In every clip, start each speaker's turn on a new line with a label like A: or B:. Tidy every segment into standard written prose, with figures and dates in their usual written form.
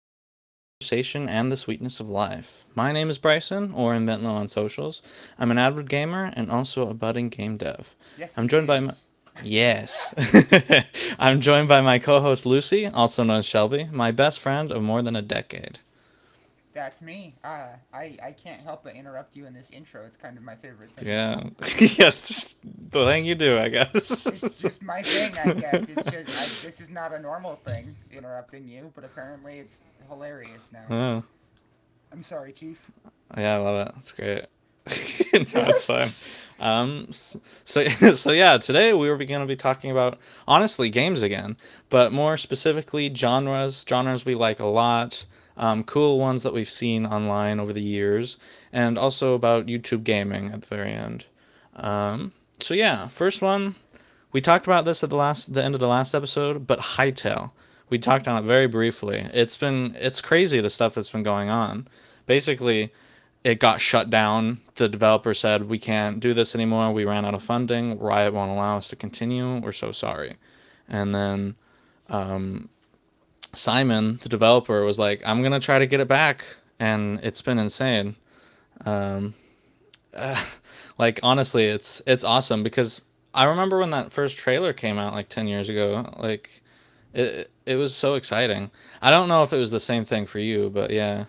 A: indulge in conversation and the sweetness of life. My name is Bryson, or in Bentlow on socials. I'm an avid gamer and also a budding game dev.
B: Yes, he
A: I'm joined by my.
B: is.
A: Yes. I'm joined by my co host Lucy, also known as Shelby, my best friend of more than a decade.
B: That's me. I can't help but interrupt you in this intro. It's kind of my favorite thing now.
A: Yeah. yes, the thing you do, I
B: It's
A: guess.
B: just my thing, I guess. It's just I This is not a normal thing interrupting you, but apparently it's
A: Oh,
B: hilarious now. I'm sorry, chief.
A: yeah, I love it. It's great. No, it's fine. Um, so so yeah, today we were going to be talking about honestly games again, but more specifically genres, genres we like a lot, cool ones that we've seen online over the years, and also about YouTube gaming at the very end. So yeah, first one we talked about this at the last the end of the last episode, but Hightail. We talked on it very briefly. It's crazy the stuff that's been going on. Basically, it got shut down. The developer said, "We can't do this anymore. We ran out of funding. Riot won't allow us to continue. We're so sorry." And then Simon, the developer, was like, "I'm gonna try to get it back," and it's been insane. Um, like honestly, it's awesome because I remember when that first trailer came out like 10 years ago. Like it was so exciting. I don't know if it was the same thing for you, but yeah.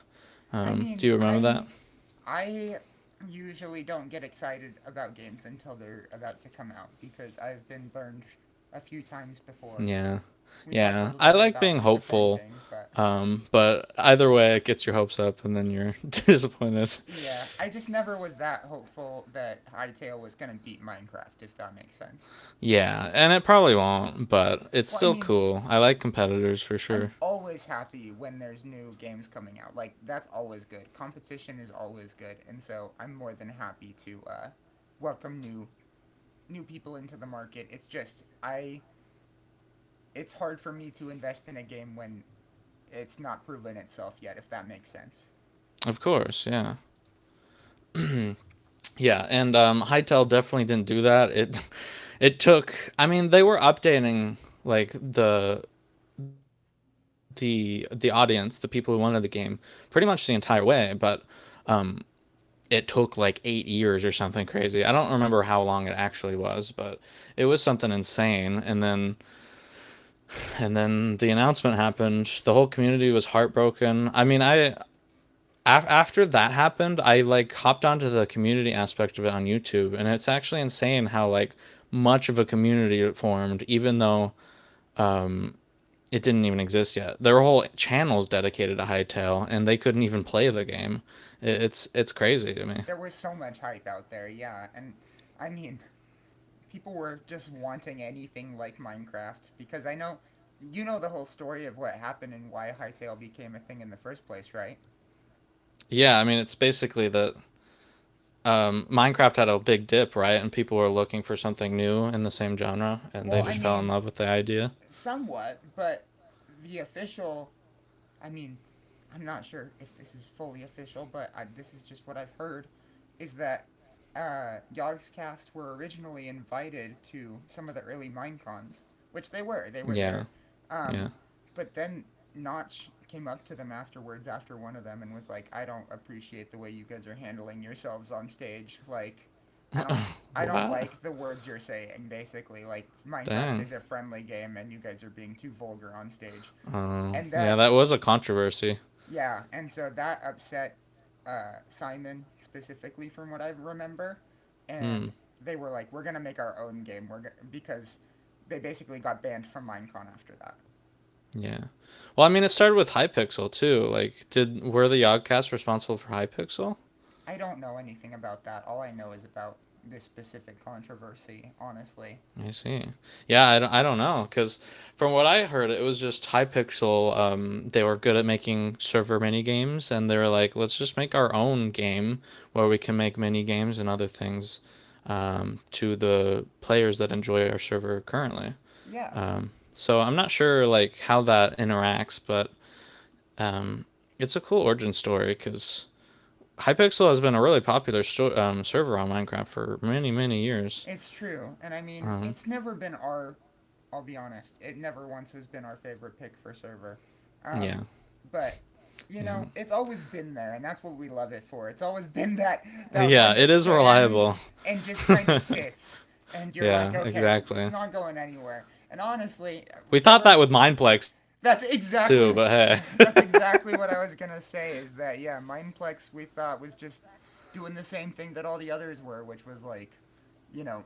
B: I
A: Do
B: mean,
A: you remember that?
B: I I usually don't get excited about games until they're about to come out because I've been burned a few times before.
A: Yeah,
B: We talked a
A: yeah.
B: little
A: I
B: bit
A: like
B: about
A: being hopeful.
B: disappointing, but
A: But either way, it gets your hopes up, and then you're disappointed.
B: Yeah, I just never was that hopeful that Hytale was going to beat Minecraft, if that makes sense.
A: Yeah, and it probably won't, but it's
B: Well, I
A: still
B: mean,
A: cool. I like competitors for sure.
B: I'm always happy when there's new games coming out. Like, that's always good. Competition is always good. And so I'm more than happy to welcome new people into the market. It's just, I. It's hard for me to invest in a game when it's not proven itself yet, if that makes sense.
A: Of course, yeah. Yeah, and Hytel definitely didn't do that. It, it took. I mean, they were updating like the audience, the people who wanted the game, pretty much the entire way, but it took like 8 years or something crazy. I don't remember how long it actually was, but it was something insane and then the announcement happened. The whole community was heartbroken. After that happened, I like hopped onto the community aspect of it on YouTube, and it's actually insane how like much of a community it formed even though it didn't even exist yet. There were whole channels dedicated to Hightail, and they couldn't even play the game. It's crazy to me.
B: There was so much hype out there, yeah. And I mean, people were just wanting anything like Minecraft because I know you know the whole story of what happened and why Hightail became a thing in the first place, right?
A: Yeah, I mean, it's basically that Minecraft had a big dip, right? And people were looking for something new in the same genre, and
B: Well,
A: they
B: I
A: just fell in
B: mean,
A: love with the idea.
B: somewhat, but the official I mean, I'm not sure if this is fully official, but I, this is just what I've heard, is that Yogg's cast were originally invited to some of the early Minecons, which they were. They were
A: Yeah,
B: there. Um,
A: yeah.
B: but then Notch came up to them afterwards after one of them and was like, I don't appreciate the way you guys are handling yourselves on stage. Like, I don't. I don't
A: What?
B: like the words you're saying, basically. Like, Minecraft
A: Dang.
B: is a friendly game and you guys are being too vulgar on stage.
A: Oh,
B: And
A: yeah.
B: that
A: That was a controversy.
B: yeah, and so that upset Simon specifically, from what I remember, and
A: Hmm.
B: they were like, "We're gonna make our own game." Because they basically got banned from Minecon after that.
A: Yeah. Well, I mean, it started with Hypixel too. Did were the Yogcasts responsible for Hypixel?
B: I don't know anything about that. All I know is about this specific controversy, honestly.
A: I see. Yeah, I don't know because from what I heard, it was just Hypixel. They were good at making server mini games, and they were like, let's just make our own game where we can make mini games and other things to the players that enjoy our server currently.
B: Yeah,
A: So I'm not sure like how that interacts, but um, it's a cool origin story because Hypixel has been a really popular server on Minecraft for many many years.
B: it's true. And I mean,
A: Um,
B: it's never been our I'll be honest. It never once has been our favorite pick for server.
A: yeah,
B: Um, but you
A: yeah.
B: know, it's always been there, and that's what we love it for. It's always been that that
A: Yeah,
B: one
A: it
B: that
A: is reliable.
B: stands and just kind of sits, and you're like,
A: Yeah,
B: okay, it's
A: exactly.
B: not going anywhere. And honestly,
A: We
B: there
A: thought
B: were.
A: that with Mindplex too, but
B: That's
A: hey.
B: exactly that's exactly what I was gonna say. Is that yeah, Mineplex we thought was just doing the same thing that all the others were, which was like, you know,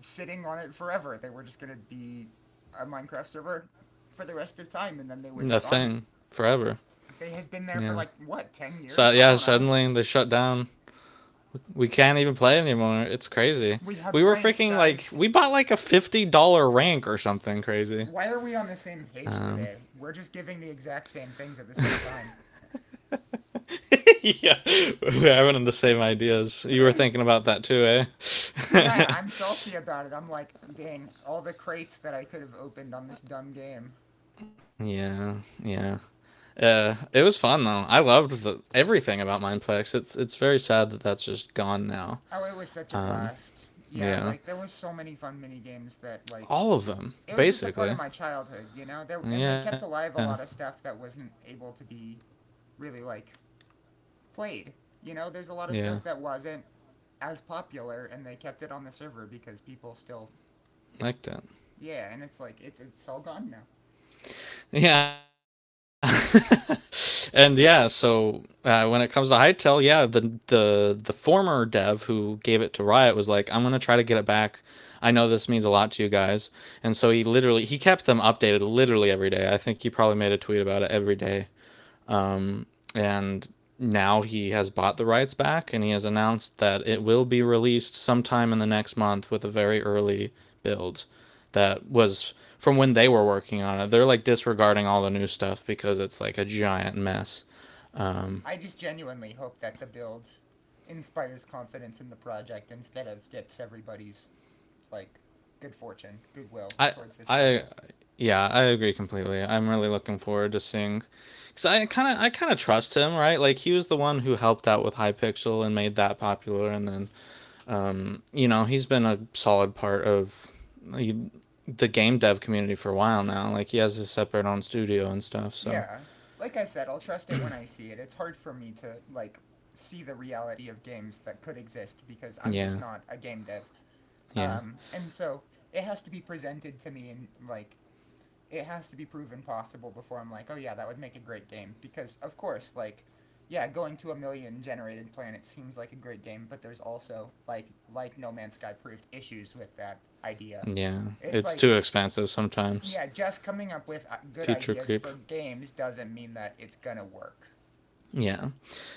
B: sitting on it forever. They were just going to be a Minecraft server for the rest of time, and then they
A: A
B: were just
A: thing
B: gone.
A: forever.
B: They had been there for
A: Yeah.
B: like, what, 10
A: So
B: years? I
A: yeah,
B: don't know.
A: suddenly they shut down. We can't even play anymore. It's crazy.
B: We
A: We
B: had
A: were
B: ranks,
A: freaking like
B: guys.
A: we bought like a $50 rank or something crazy.
B: Why are we on the same page
A: Um,
B: today? We're just giving the exact same things at the same time.
A: yeah, we're having the same ideas. You were thinking about that too,
B: Yeah,
A: eh?
B: I'm salty about it. I'm like, dang, all the crates that I could have opened on this dumb game.
A: Yeah, yeah. It was fun though. I loved everything about Mindplex. It's very sad that that's just gone
B: Oh, it
A: now.
B: was such a blast.
A: Um,
B: Yeah, like there were
A: yeah,
B: so many fun mini games that
A: all
B: it
A: of
B: was just a
A: them
B: part of my
A: basically.
B: childhood, you know. There and they kept alive a
A: Yeah,
B: lot of stuff that wasn't able to be really like played. You know, there's a lot of stuff that
A: yeah,
B: wasn't as popular, and they kept it on the server because people still, yeah. And
A: liked it.
B: it's like it's all gone now.
A: Yeah, and yeah. So when it comes to Hightail, yeah, the former dev who gave it to Riot was like, I'm gonna try to get it back. I know this means a lot to you guys, and so he literally he kept them updated literally every day. I think he probably made a tweet about it every day. Um, and now he has bought the rights back, and he has announced that it will be released sometime in the next month with a very early build that was from when they were working on it. They're like disregarding all the new stuff because it's like a giant mess. Um,
B: I just genuinely hope that the build inspires confidence in the project instead of dips everybody's like good fortune, goodwill
A: I
B: towards this
A: I
B: project.
A: yeah, I agree completely. I'm really looking forward to seeing cuz I kind of trust him, right? Like he was the one who helped out with Hypixel and made that popular, and then you know, he's been a solid part of the game dev community for a while now. Like he has his separate own studio and stuff. So
B: Yeah. Like I said, I'll trust it when I see it. It's hard for me to like see the reality of games that could exist because I'm just
A: yeah,
B: not a game dev.
A: yeah,
B: And so it has to be presented to me and like it has to be proven possible before I'm like, "Oh yeah, that would make a great game." Because of course, like yeah, going to a million generated planets seems like a great game, but there's also like No Man's Sky proved issues with that idea.
A: yeah.
B: It's
A: It's
B: like
A: too expensive sometimes.
B: yeah, just coming up with good
A: Feature
B: ideas
A: creep.
B: for games doesn't mean that it's gonna work.
A: Yeah,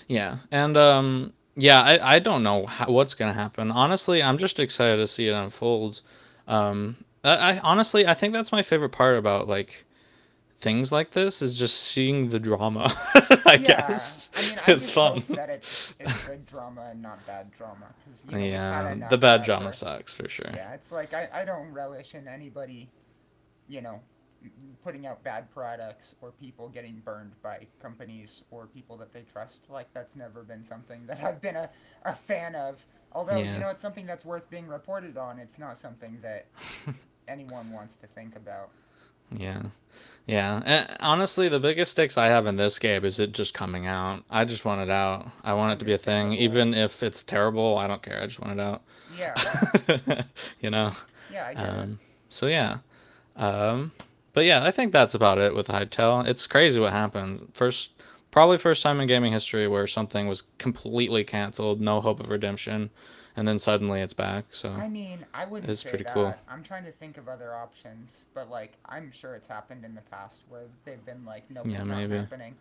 A: yeah, and yeah. I don't know how, what's gonna happen. Honestly, I'm just excited to see it unfolds. I honestly I think that's my favorite part about like things like this is just seeing the drama. I
B: Yeah,
A: guess
B: I mean, I
A: it's
B: just hope
A: fun.
B: that it's good drama and not bad drama, because you know we've had
A: Yeah, the
B: enough of
A: bad
B: that
A: drama
B: for.
A: sucks for sure.
B: Yeah, it's like I don't relish in anybody you know putting out bad products or people getting burned by companies or people that they trust. Like that's never been something that I've been a fan of. Although you
A: Yeah,
B: know it's something that's worth being reported on. It's not something that anyone wants to think about.
A: yeah, yeah. And honestly, the biggest stakes I have in this game is it just coming out. I just want it out. I want it to be a thing,
B: Understandable.
A: even if it's terrible. I don't care. I just want it out.
B: Yeah.
A: You know.
B: Yeah, I get it.
A: Um, so yeah. Um, but yeah, I think that's about it with Hightail. It's crazy what happened. First, probably first time in gaming history where something was completely canceled, no hope of redemption, and then suddenly it's back. So
B: I mean, I wouldn't
A: it's
B: say
A: pretty cool.
B: that. I'm trying to think of other options, but like, I'm sure it's happened in the past where they've been like, nope,
A: Yeah,
B: it's not
A: maybe.
B: happening.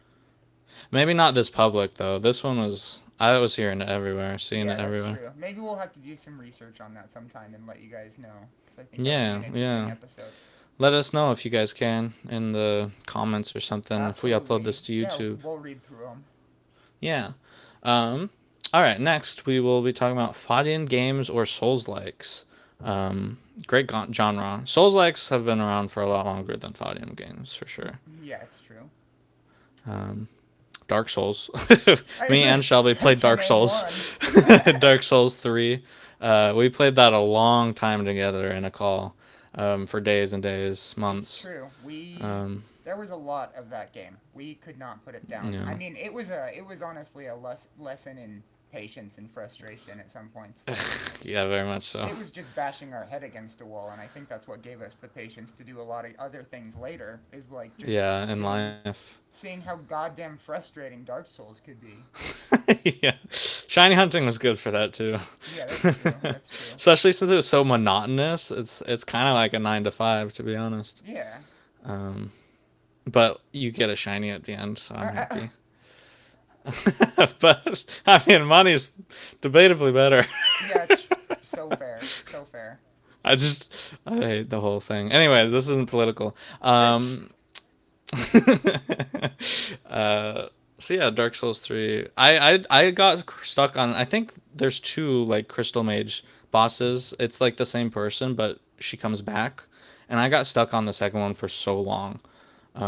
A: Maybe not this public though. This one was I was hearing it everywhere, seeing
B: Yeah,
A: it
B: that's
A: everywhere.
B: true. Maybe we'll have to do some research on that sometime and let you guys know, because I think that would be
A: Yeah,
B: an interesting
A: yeah.
B: episode.
A: Let us know if you guys can in the comments or something if we upload this
B: Absolutely.
A: to
B: Yeah,
A: YouTube.
B: we'll read through them.
A: Yeah. Um all right, next we will be talking about fighting games or Souls likes. Um great genre. Souls likes have been around for a lot longer than fighting games for sure.
B: Yeah, it's true.
A: Um Dark Souls. Me and Shelby played
B: to
A: Dark
B: name
A: Souls,
B: one.
A: Dark Souls three. We played that a long time together in a call, for days and days,
B: It's
A: months.
B: true. We
A: Um,
B: There was a lot of that game. We could not put it
A: you
B: down. I
A: know,
B: mean, it was honestly a lesson in patience and frustration at some points. Like
A: yeah, very much so.
B: it was just bashing our head against a wall, and I think that's what gave us the patience to do a lot of other things later. Is like just
A: Yeah, in life.
B: seeing how goddamn frustrating Dark Souls could be.
A: Yeah, shiny hunting was good for that too,
B: Yeah, that's true. That's true.
A: especially since it was so monotonous. It's kind of like a nine to five, to be honest.
B: Yeah.
A: Um, but you get a shiny at the end, so I'm
B: Uh, uh, uh,
A: happy. But I mean, money's debatably better.
B: yeah, it's so fair. So fair.
A: I just I hate the whole thing. Anyways, this isn't political. Um, uh, so yeah, Dark Souls three. I got stuck on. I think there's two like Crystal Mage bosses. It's like the same person, but she comes back, and I got stuck on the second one for so long.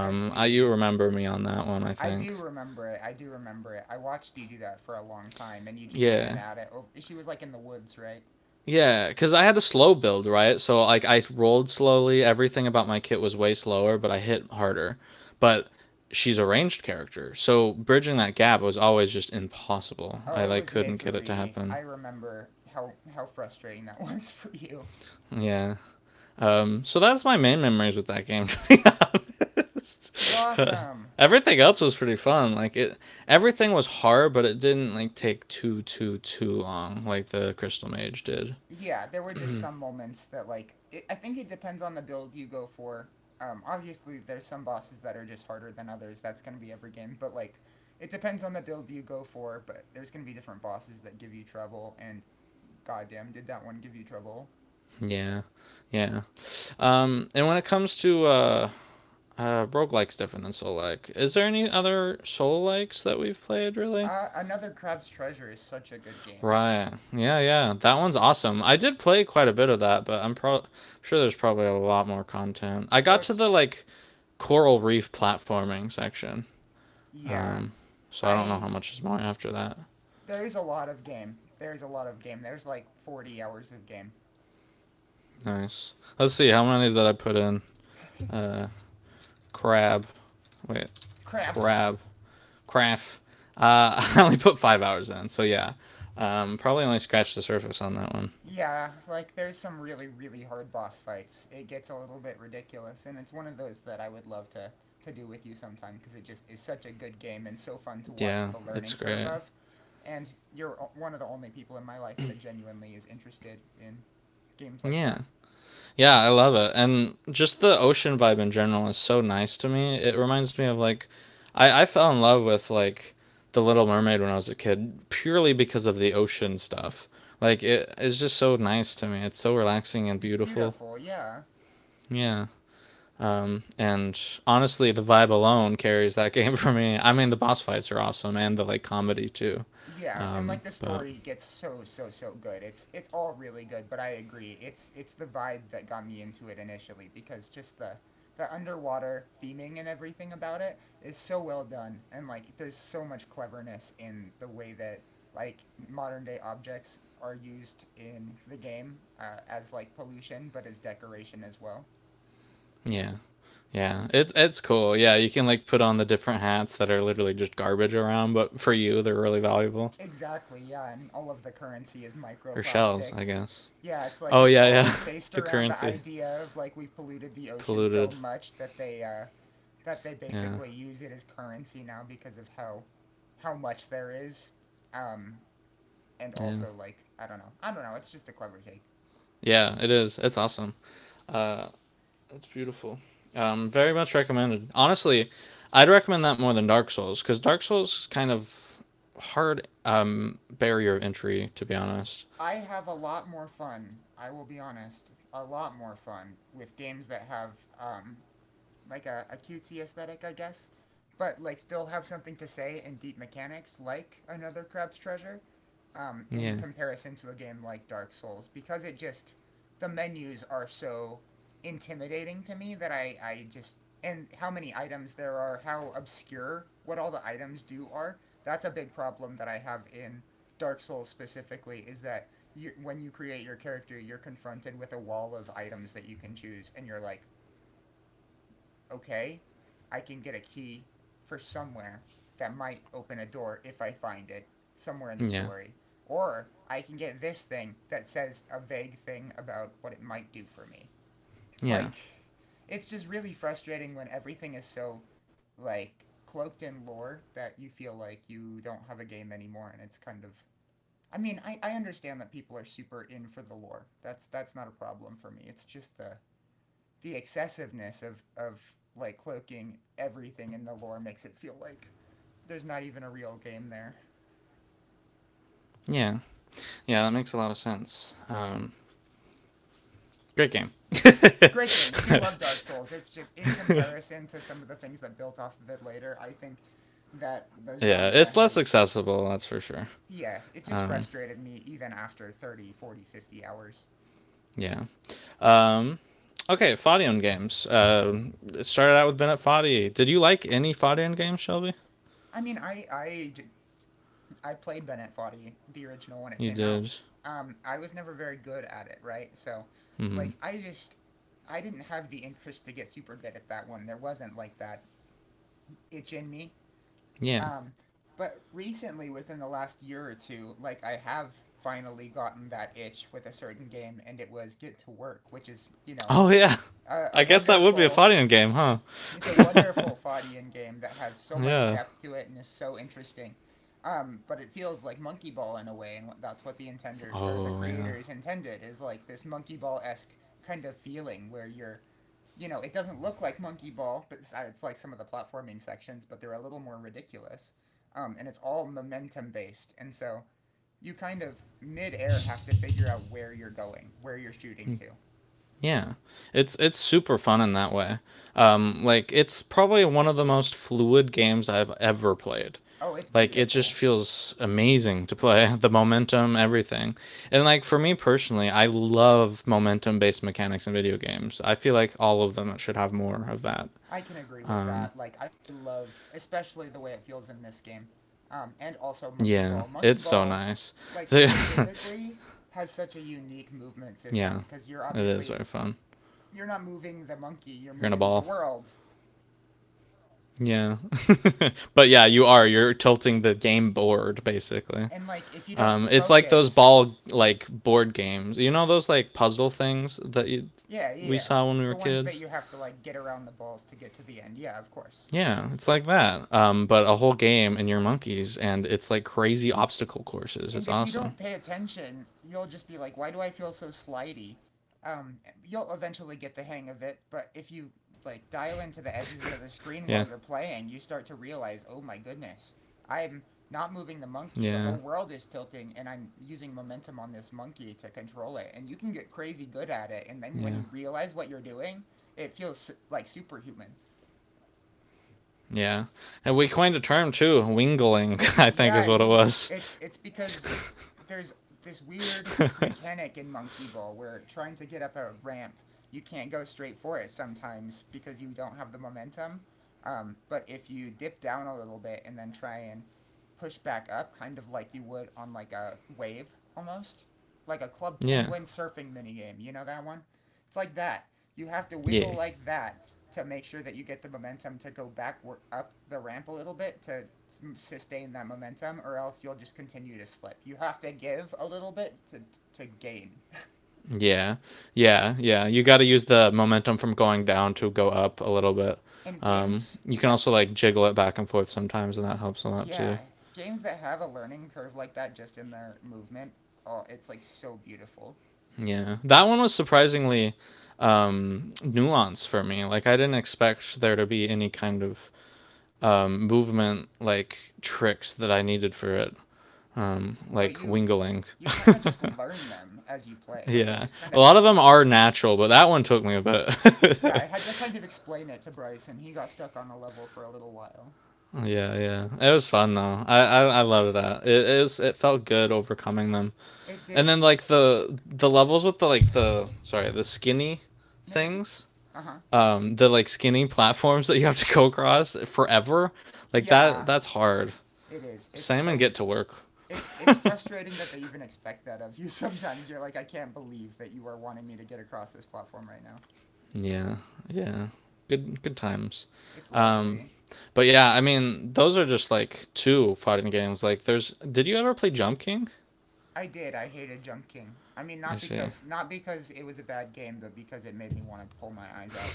B: I
A: I you
B: see.
A: remember me on that one? I
B: I
A: think.
B: do remember it. I do remember it. I watched you do that for a long time, and you just ran
A: Yeah.
B: at it. Over, she was like in the woods, right?
A: Yeah, because I had a slow build, right? So like I rolled slowly. Everything about my kit was way slower, but I hit harder. But she's a ranged character, so bridging that gap was always just impossible. I
B: Oh, it
A: like
B: was
A: couldn't get it to
B: misery.
A: happen.
B: I remember how frustrating that was for you.
A: Yeah. So that's my main memories with that game, to be honest.
B: It was awesome.
A: Everything else was pretty fun. Everything was hard, but it didn't like take too long, like the Crystal Mage did.
B: Yeah, there were just some moments that I think it depends on the build you go for. Obviously, there's some bosses that are just harder than others. That's gonna be every game, but like it depends on the build you go for. But there's gonna be different bosses that give you trouble, and goddamn, did that one give you trouble?
A: Yeah, yeah. And when it comes to roguelikes different than soul like, is there any other soul likes that we've played really?
B: Another Crab's Treasure is such a good game.
A: Right. Yeah, yeah. That one's awesome. I did play quite a bit of that, but sure there's probably a lot more content. I
B: Oh,
A: got to
B: it's
A: the like coral reef platforming section.
B: yeah.
A: Um, so I don't know how
B: I
A: much is more after that.
B: There's a lot of game. There's a lot of game. There's like 40 hours of game.
A: Nice. Let's see how many did I put in. Uh, crab. Wait,
B: Crap.
A: crab. Crap. I only put 5 hours in, so yeah. Probably only scratched the surface on that one.
B: Yeah, like there's some really really hard boss fights. It gets a little bit ridiculous, and it's one of those that I would love to do with you sometime because it just is such a good game and so fun to watch
A: Yeah,
B: the
A: it's
B: learning curve
A: great.
B: of. And you're one of the only people in my life that genuinely is interested in games like
A: Yeah.
B: that.
A: Yeah, I love it. And just the ocean vibe in general is so nice to me. It reminds me of like I fell in love with like The Little Mermaid when I was a kid purely because of the ocean stuff. It is just so nice to me. It's so relaxing and
B: It's
A: beautiful.
B: beautiful, yeah.
A: Yeah. And honestly, the vibe alone carries that game for me. I mean, the boss fights are awesome and the like comedy too.
B: Yeah, and
A: Um,
B: like the
A: but
B: story gets so so so good. It's all really good, but I agree. It's the vibe that got me into it initially because just the underwater theming and everything about it is so well done and like there's so much cleverness in the way that like modern day objects are used in the game as like pollution but as decoration as well.
A: yeah, yeah, it's cool. Yeah, you can like put on the different hats that are literally just garbage around, but for you, they're really valuable.
B: Exactly, yeah, and all of the currency is
A: Or shells, I
B: microplastics.
A: guess.
B: Yeah, it's like
A: Oh
B: it's
A: yeah, yeah,
B: all based
A: the
B: around the
A: currency
B: idea of like we've polluted the ocean so
A: polluted.
B: much that they
A: Yeah,
B: basically use it as currency now because of how much there is. Um and
A: yeah,
B: also like I don't know. I don't know, it's just a clever take.
A: yeah. It is. It's awesome. Uh, Very much recommended. Honestly, I'd recommend that more than Dark Souls because Dark Souls is kind of hard barrier of entry, to be honest.
B: I have a lot more fun, I will be honest, a lot more fun with games that have um like a cutesy aesthetic, I guess, but like still have something to say and deep mechanics like another Crab's Treasure, in
A: Yeah,
B: comparison to a game like Dark Souls because it just the menus are so intimidating to me that I just and how many items there are, how obscure what all the items do are. That's a big problem that I have in Dark Souls specifically is that you, when you create your character, you're confronted with a wall of items that you can choose, and you're like, okay, I can get a key for somewhere that might open a door if I find it somewhere in the
A: yeah,
B: story. Or I can get this thing that says a vague thing about what it might do for me. It's like,
A: yeah,
B: it's just really frustrating when everything is so, like, cloaked in lore that you feel like you don't have a game anymore and it's kind of. I mean, I understand that people are super in for the lore. That's not a problem for me. It's just the excessiveness of like cloaking everything in the lore makes it feel like there's not even a real game there.
A: yeah, yeah. That makes a lot of sense. Great game.
B: Great game. We do
A: yeah,
B: love Dark Souls. It's just in comparison to some of the things that built off of it later, I think that the genre
A: it's less
B: has
A: accessible, that's for sure.
B: yeah, it just
A: Um,
B: frustrated me even after 30, 40, 50 hours.
A: yeah. Um, okay, Fadian games. It started out with Bennett Foddy. Did you like any Fadian games, Shelby?
B: I mean, I I. I played Ben at Foddy, the original when it
A: You
B: came out.
A: did.
B: I was never very good at it, right?
A: Hmm.
B: Like, I just, I didn't have the interest to get super good at that one. There wasn't like that itch in me.
A: Yeah.
B: Um, but recently, within the last year or two, like, I have finally gotten that itch with a certain game, and it was Get to Work, which is, you know,
A: Oh yeah,
B: a
A: I guess that would be a
B: wonderful
A: fighting game, huh?
B: it's a wonderful Fadian game that has so much
A: yeah.
B: depth to it and is so interesting. But it feels like monkey ball in a way, and that's what the intender or the
A: Oh yeah.
B: creators intended is like this monkey ball esque kind of feeling where it doesn't look like monkey ball, but like some of the platforming sections, but they're a little more ridiculous, and it's all momentum based, and so you kind of mid air have to figure out where you're going, where you're shooting
A: Mm,
B: to.
A: yeah. It's super fun in that way. Like it's probably one of the most fluid games I've ever played.
B: Oh, it's
A: Like it just
B: beautiful.
A: feels amazing to play the momentum, everything. And like for me personally, I love momentum based mechanics in video games. I feel like all of them should have more of that.
B: I can agree with
A: Um,
B: that. Like I love, especially the way it feels in this game, and also Monkey
A: yeah,
B: Ball. Monkey
A: it's so
B: Ball,
A: nice.
B: like
A: yeah,
B: specifically, has such a unique movement system
A: it
B: because you're
A: is very
B: obviously
A: fun.
B: you're not moving the monkey, you're
A: You're in a
B: moving the
A: ball.
B: world.
A: Yeah. but yeah, you are. You're tilting the game board basically.
B: And like if you don't
A: It's like those
B: focus,
A: ball like board games. You know those like puzzle things
B: yeah, yeah,
A: we
B: yeah,
A: saw when we were
B: the ones that
A: kids?
B: you have to like get around the balls to get to the end. Yeah, of course.
A: Yeah, it's like that. But a whole game and you're monkeys and it's like crazy obstacle courses.
B: And
A: It's
B: if you
A: awesome.
B: don't pay attention, you'll just be like, why do I feel so slidey? Um, you'll eventually get the hang of it, but if you like dial into the edges of the
A: Yeah.
B: screen while you're playing, you start to realize, oh my goodness, I'm not moving the monkey. The
A: Yeah.
B: whole world is tilting, and I'm using momentum on this monkey to control it. And you can get crazy good at it, and then when you
A: Yeah.
B: realize what you're doing, it feels like superhuman.
A: Yeah. And we coined a term too, wingling, I think is
B: Yeah,
A: what it
B: you.
A: was.
B: It's because there's this weird mechanic in Monkey Ball where trying to get up a ramp, you can't go straight for it sometimes because you don't have the momentum. But if you dip down a little bit and then try and push back up, kind of like you would on like a wave almost, like a Club
A: yeah.
B: Penguin surfing minigame, you know that one? It's like that. You have to wiggle
A: Yeah.
B: like that to make sure that you get the momentum to go back up the ramp a little bit to sustain that momentum, or else you'll just continue to slip. You have to give a little bit to gain.
A: Yeah, yeah, yeah. You got to use the momentum from going down to go up a little bit.
B: And games
A: You can
B: that
A: also like jiggle it back and forth sometimes, and that helps a lot
B: yeah
A: too.
B: games that have a learning curve like that, just in their movement, oh, it's like so beautiful.
A: Yeah, that one was surprisingly nuanced for me. Like I didn't expect there to be any kind of movement like tricks that I needed for it,
B: But
A: like
B: you
A: wingling.
B: you kind of just learn them as you play, like it
A: yeah,
B: just kind
A: a
B: of
A: lot of them
B: happens.
A: are natural, but that one took me a
B: Yeah,
A: bit.
B: I had to kind of explain it to Bryce and he got stuck on a level for a little while.
A: Yeah, yeah. It was fun though. I love that. It is. It felt good overcoming them.
B: It
A: And
B: did
A: then like
B: because
A: the levels with the like the skinny
B: no you're good.
A: things.
B: Uh-huh.
A: The like skinny platforms that you have to go across forever. Like that
B: Yeah,
A: that's hard.
B: it is. It's
A: Salmon
B: so.
A: get to work.
B: It's frustrating that they even expect that of you. Sometimes you're like, I can't believe that you are wanting me to get across this platform right now.
A: Yeah. Yeah. Good good times.
B: It's
A: Um
B: lovely.
A: but yeah, I mean, those are just like two fighting games. Like there's did you ever play Jump King?
B: I did. I hated Jump King. I mean,
A: I
B: not
A: see.
B: because not because it was a bad game, but because it made me want to pull my eyes out.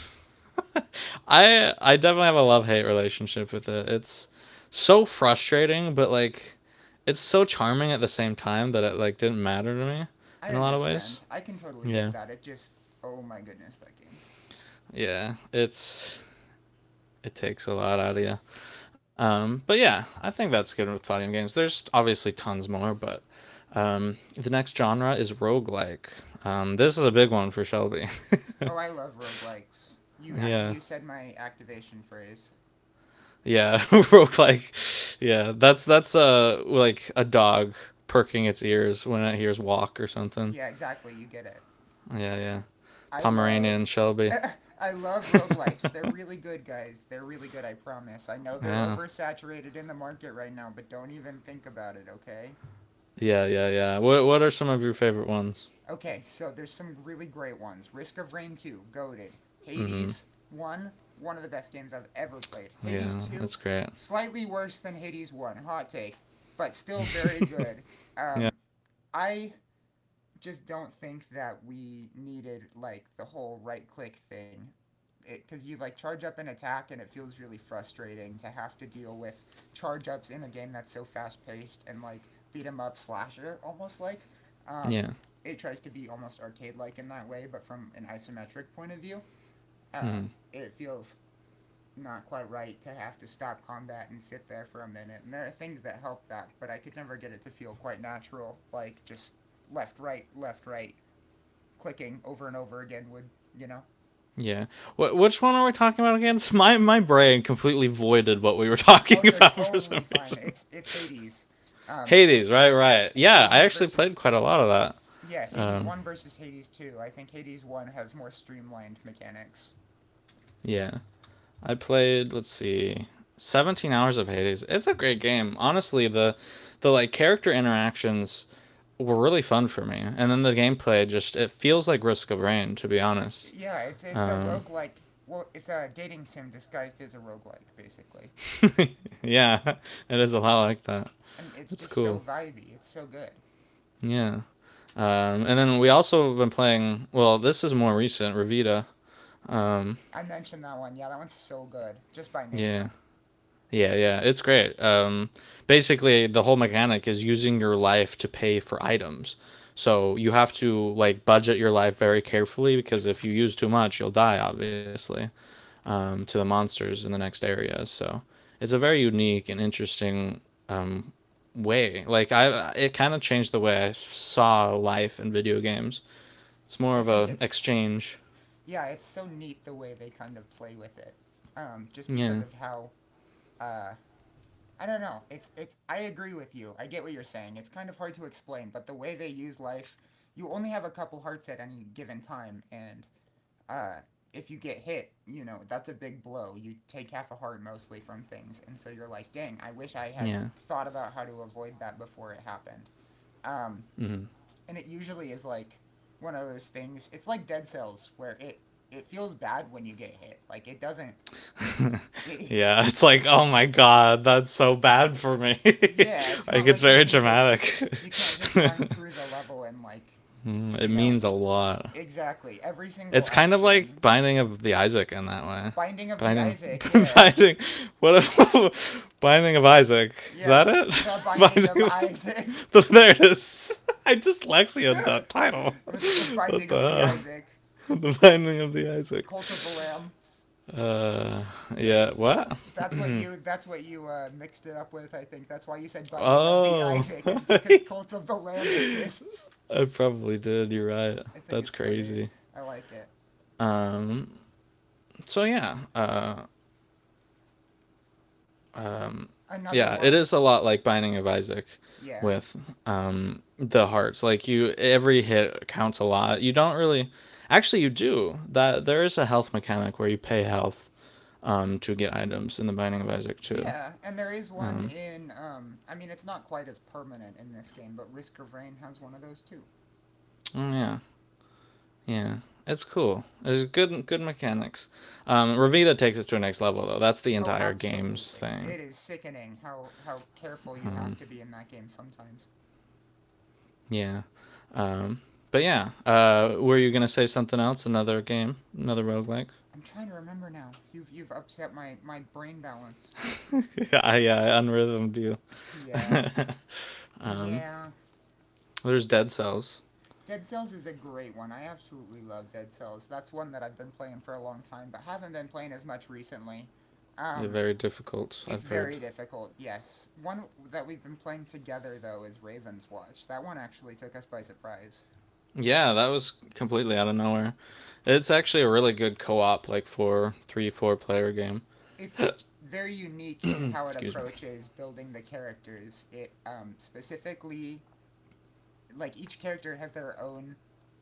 A: I definitely have a love hate relationship with it. It's so frustrating, but like it's so charming at the same time that it like didn't matter to me
B: I
A: in a lot of ways.
B: understand. I can totally get
A: Yeah.
B: that. It just. Oh my goodness, that game.
A: Yeah, it's it takes a lot out of you. But yeah, I think that's good with fighting games. There's obviously tons more, but the next genre is roguelike. This is a big one for Shelby.
B: Oh, I love roguelikes. You
A: yeah,
B: you said my activation phrase.
A: yeah, real like, yeah, that's like a dog perking its ears when it hears walk or something.
B: Yeah, exactly. You get it.
A: Yeah, yeah.
B: I love
A: Pomeranian Shelby.
B: I love roguelikes. They're really good, guys. They're really good, I promise. I know they're
A: yeah,
B: oversaturated in the market right now, but don't even think about it, okay?
A: yeah, yeah, yeah. What are some of your favorite ones?
B: Okay, so there's some really great ones. Risk of Rain 2, Goated,
A: Mm-hmm.
B: Hades 1, one of the best games I've ever played. Hades
A: Yeah,
B: 2,
A: that's great.
B: slightly worse than Hades 1, hot take, but still very good.
A: yeah,
B: Um, I just don't think that we needed like the whole right click thing because you like charge up an attack and it feels really frustrating to have to deal with charge ups in a game that's so fast paced and like beat 'em up slasher almost, like, um,
A: yeah,
B: it tries to be almost arcade like in that way, but from an isometric point of view. uh,
A: mm-hmm.
B: it feels not quite right to have to stop combat and sit there for a minute, and there are things that help that, but I could never get it to feel quite natural, like just left right clicking over and over again would, you know.
A: yeah. Which one are we talking about again? My brain completely voided what we were
B: Oh,
A: talking
B: you're
A: about for some
B: totally fine.
A: reason.
B: It's Hades. Um,
A: Hades, right, right. Yeah, I
B: Hades
A: actually played
B: versus
A: quite a lot of
B: yeah,
A: that.
B: Hades
A: Um,
B: one versus Hades two. I think Hades one has more streamlined mechanics.
A: yeah. I played, let's see, 17 hours of Hades. It's a great game. Honestly, the like character interactions were really fun for me. And then the gameplay just it feels like Risk of Rain to be honest.
B: Yeah, it's a
A: Um
B: roguelike. Well, it's a dating sim disguised as a roguelike, basically.
A: yeah, it is a lot like that.
B: And it's
A: It's
B: just
A: cool.
B: so vibey. It's so good.
A: Yeah. And then we also have been playing, well, this is more recent, Revita. Um
B: I mentioned that one. Yeah, that one's so good. Just by name,
A: yeah.
B: though.
A: Yeah, yeah, it's great. Basically, the whole mechanic is using your life to pay for items. So you have to like budget your life very carefully because if you use too much, you'll die, obviously, to the monsters in the next area. So it's a very unique and interesting um, way. Like I, it kind of changed the way I saw life in video games. It's more
B: I
A: of
B: think
A: a
B: it's
A: exchange.
B: yeah, it's so neat the way they kind of play with it. Just because
A: Yeah,
B: of how uh, I don't know. It's I agree with you. I get what you're saying. It's kind of hard to explain, but the way they use life, you only have a couple hearts at any given time, and uh if you get hit, you know, that's a big blow. You take half a heart mostly from things. And so you're like, "Dang, I wish I had
A: yeah.
B: thought about how to avoid that before it happened." Um
A: hmm
B: and it usually is like one of those things. It's like Dead Cells, where it feels bad when you get hit. Like it doesn't it,
A: Yeah, it's like, oh my god, that's so bad for me.
B: Yeah, it's
A: like,
B: not
A: it's
B: like you
A: very
B: can just
A: dramatic.
B: you can't just run through the level, and like,
A: it
B: you know,
A: means a lot.
B: exactly every single
A: It's kind of like
B: action.
A: Binding of the Isaac in that way.
B: Binding of the
A: Binding,
B: Isaac, yeah.
A: Binding, what if, Binding of Isaac, is
B: Yeah,
A: that it?
B: the Binding of
A: Binding of,
B: Isaac.
A: the, there it is. I dyslexia that title. What
B: binding of the
A: the hell?
B: Isaac.
A: The Binding of the Isaac.
B: Cult of the Lamb.
A: Yeah, what?
B: That's what you mixed it up with, I think. That's why you said Binding of the
A: Oh,
B: Isaac, is because
A: I
B: Cult of the Lamb exists.
A: probably did. You're right.
B: I think
A: That's
B: it's funny.
A: crazy.
B: I like it.
A: So yeah,
B: Another
A: yeah, it
B: one.
A: is a lot like Binding of Isaac
B: Yeah.
A: with the hearts. Like you, every hit counts a lot. You don't really, actually, you do that. There is a health mechanic where you pay health to get items in the Binding of Isaac too.
B: Yeah, and there is one
A: Um,
B: in. I mean, it's not quite as permanent in this game, but Risk of Rain has one of those too.
A: oh, yeah, yeah. It's cool. It's good, good mechanics. Ravita takes it to a next level though. That's the
B: Oh,
A: entire game's
B: absolutely!
A: thing.
B: It is sickening how
A: Um,
B: careful you have to be in that game sometimes.
A: Yeah. Um, but yeah, were you gonna say something else? Another game, another roguelike?
B: I'm trying to remember now. You've upset my brain balance.
A: I yeah, I unrhythmed you.
B: Yeah,
A: um,
B: yeah.
A: there's Dead Cells.
B: Dead Cells is a great one. I absolutely love Dead Cells. That's one that I've been playing for a long time, but haven't been playing as much recently.
A: They're
B: Um,
A: very difficult,
B: It's
A: I've heard.
B: very difficult, yes. One that we've been playing together, though, is Raven's Watch. That one actually took us by surprise.
A: Yeah, that was completely out of nowhere. It's actually a really good co-op, like four player game.
B: It's very unique in how it
A: Excuse me.
B: approaches building the characters. It Specifically, like, each character has their own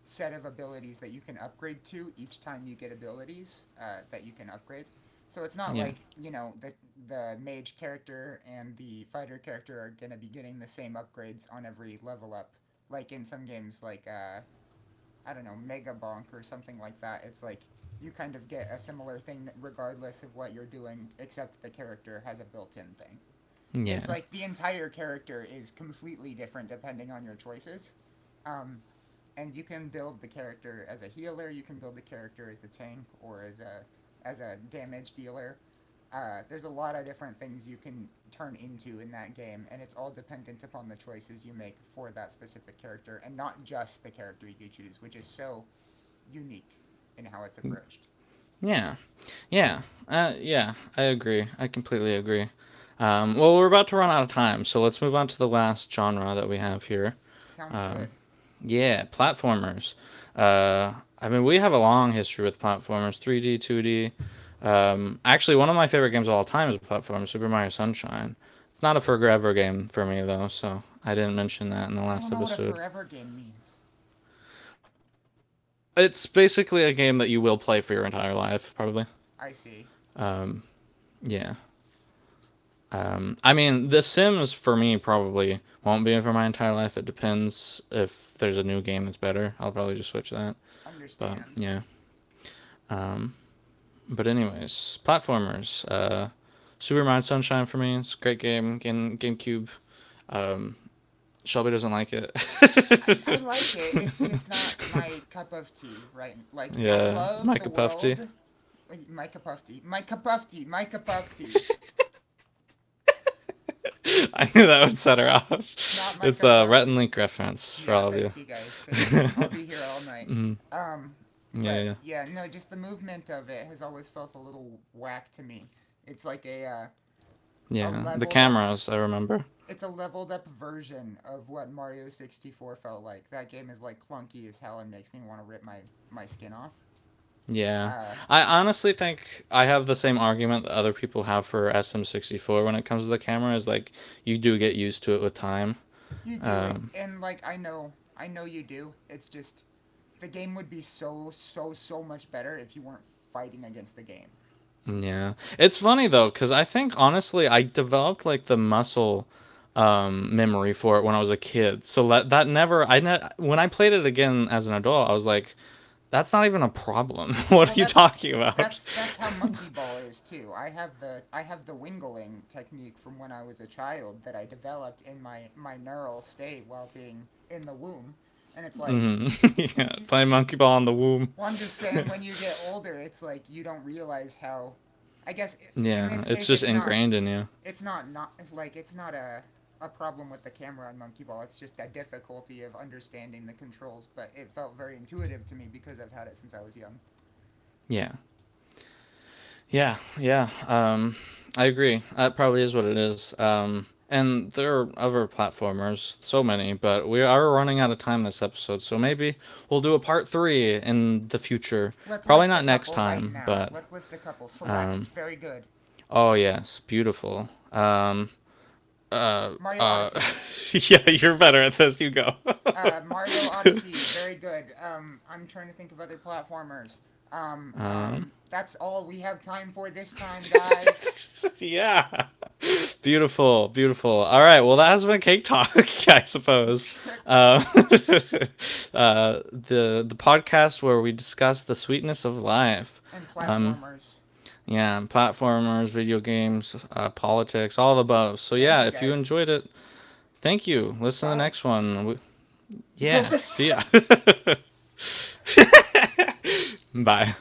B: set of abilities that you can upgrade to each time you get abilities that you can upgrade. So it's not
A: Yeah,
B: like, you know, the mage character and the fighter character are gonna be getting the same upgrades on every level up, like in some games like I don't know, Mega Bonk or something like that. It's like you kind of get a similar thing regardless of what you're doing, except the character has a built in thing. It's
A: yeah,
B: like the entire character is completely different depending on your choices. Um, and you can build the character as a healer, you can build the character as a tank, or as a damage dealer. There's a lot of different things you can turn into in that game, and it's all dependent upon the choices you make for that specific character, and not just the character you choose, which is so unique in how it's approached.
A: yeah, yeah, yeah. I agree. I completely agree. Well, we're about to run out of time, so let's move on to the last genre that we have here.
B: Sounds
A: Um,
B: good.
A: yeah, platformers. Uh, I mean, we have a long history with platformers 3D, 2D. Actually, one of my favorite games of all time is a platformer, Super Mario Sunshine. It's not a forever game for me, though, so I didn't mention that in the
B: I don't
A: last
B: know what a
A: episode.
B: forever game means.
A: It's basically a game that you will play for your entire life, probably.
B: I see.
A: Um, yeah. I mean, The Sims for me probably won't be for my entire life. It depends if there's a new game that's better. I'll probably just switch that. But
B: Understand.
A: yeah. Um, but anyways, platformers. Super Mario Sunshine for me. It's a great game. Game GameCube. Um, Shelby doesn't like it.
B: I, I like it. It's just not my cup of tea, right? Like, I
A: yeah,
B: love the
A: Micah Puffy.
B: world. Wait, my cup of tea. My cup of tea. My cup of tea.
A: I knew that would set her
B: It's
A: off.
B: not my
A: It's
B: cup
A: a Rhett
B: of
A: and Link
B: tea.
A: reference for all
B: Yeah,
A: of you.
B: thank you guys. Thank you. I'll be here all night.
A: mm,
B: Um,
A: yeah, yeah,
B: but
A: yeah.
B: yeah, no, just the movement of it has always felt a little whack to me. It's like a
A: Yeah, the
B: leveled up
A: cameras, I remember.
B: It's a leveled up version of what Mario 64 felt like. That game is like clunky as hell and makes me want to rip my skin off.
A: Yeah.
B: Uh,
A: I honestly think I have the same argument that other people have for SM64 when it comes to the camera is like you do get used to it with time.
B: you do it,
A: Um,
B: and like I know you do. It's just the game would be so much better if you weren't fighting against the game.
A: Yeah. It's funny though cuz I think honestly I developed like the muscle memory for it when I was a kid. So that never when I played it again as an adult, I was like that's not even a problem. What
B: Well,
A: are you
B: that's
A: talking about?
B: that's that's how Monkey Ball is too. I have the wingling technique from when I was a child that I developed in my neural state while being in the womb, and it's like,
A: Mhm. yeah, playing monkey ball in the womb.
B: well, I'm just saying when you get older, it's like you don't realize how. I guess in
A: yeah,
B: this
A: it's
B: case,
A: just
B: it's not.
A: ingrained in you.
B: It's not, not like it's not a a problem with the camera on Monkey Ball. It's just a difficulty of understanding the controls. But it felt very intuitive to me because I've had it since I was young.
A: Yeah. Yeah, yeah. I agree. That probably is what it is. And there are other platformers, so many, but we are running out of time this episode. So maybe we'll do a part three in the future.
B: Let's
A: Probably
B: list a
A: not next
B: couple right
A: time,
B: now.
A: but
B: Let's list a couple. Celeste, very good.
A: oh yes, beautiful.
B: Mario Odyssey.
A: Yeah, you're better at this. You go.
B: Mario Odyssey, very good. I'm trying to think of other platformers.
A: um,
B: That's all we have time for this time, guys.
A: yeah. Beautiful, beautiful. All right. Well, that has been cake talk, I suppose. Uh, the podcast where we discuss the sweetness of life.
B: and
A: Um,
B: platformers.
A: yeah, platformers, video games, politics, all the above. So
B: Thank
A: yeah,
B: you,
A: if you
B: guys.
A: enjoyed it, thank you. Listen to the
B: Bye.
A: next one. We- yeah, see ya. Bye.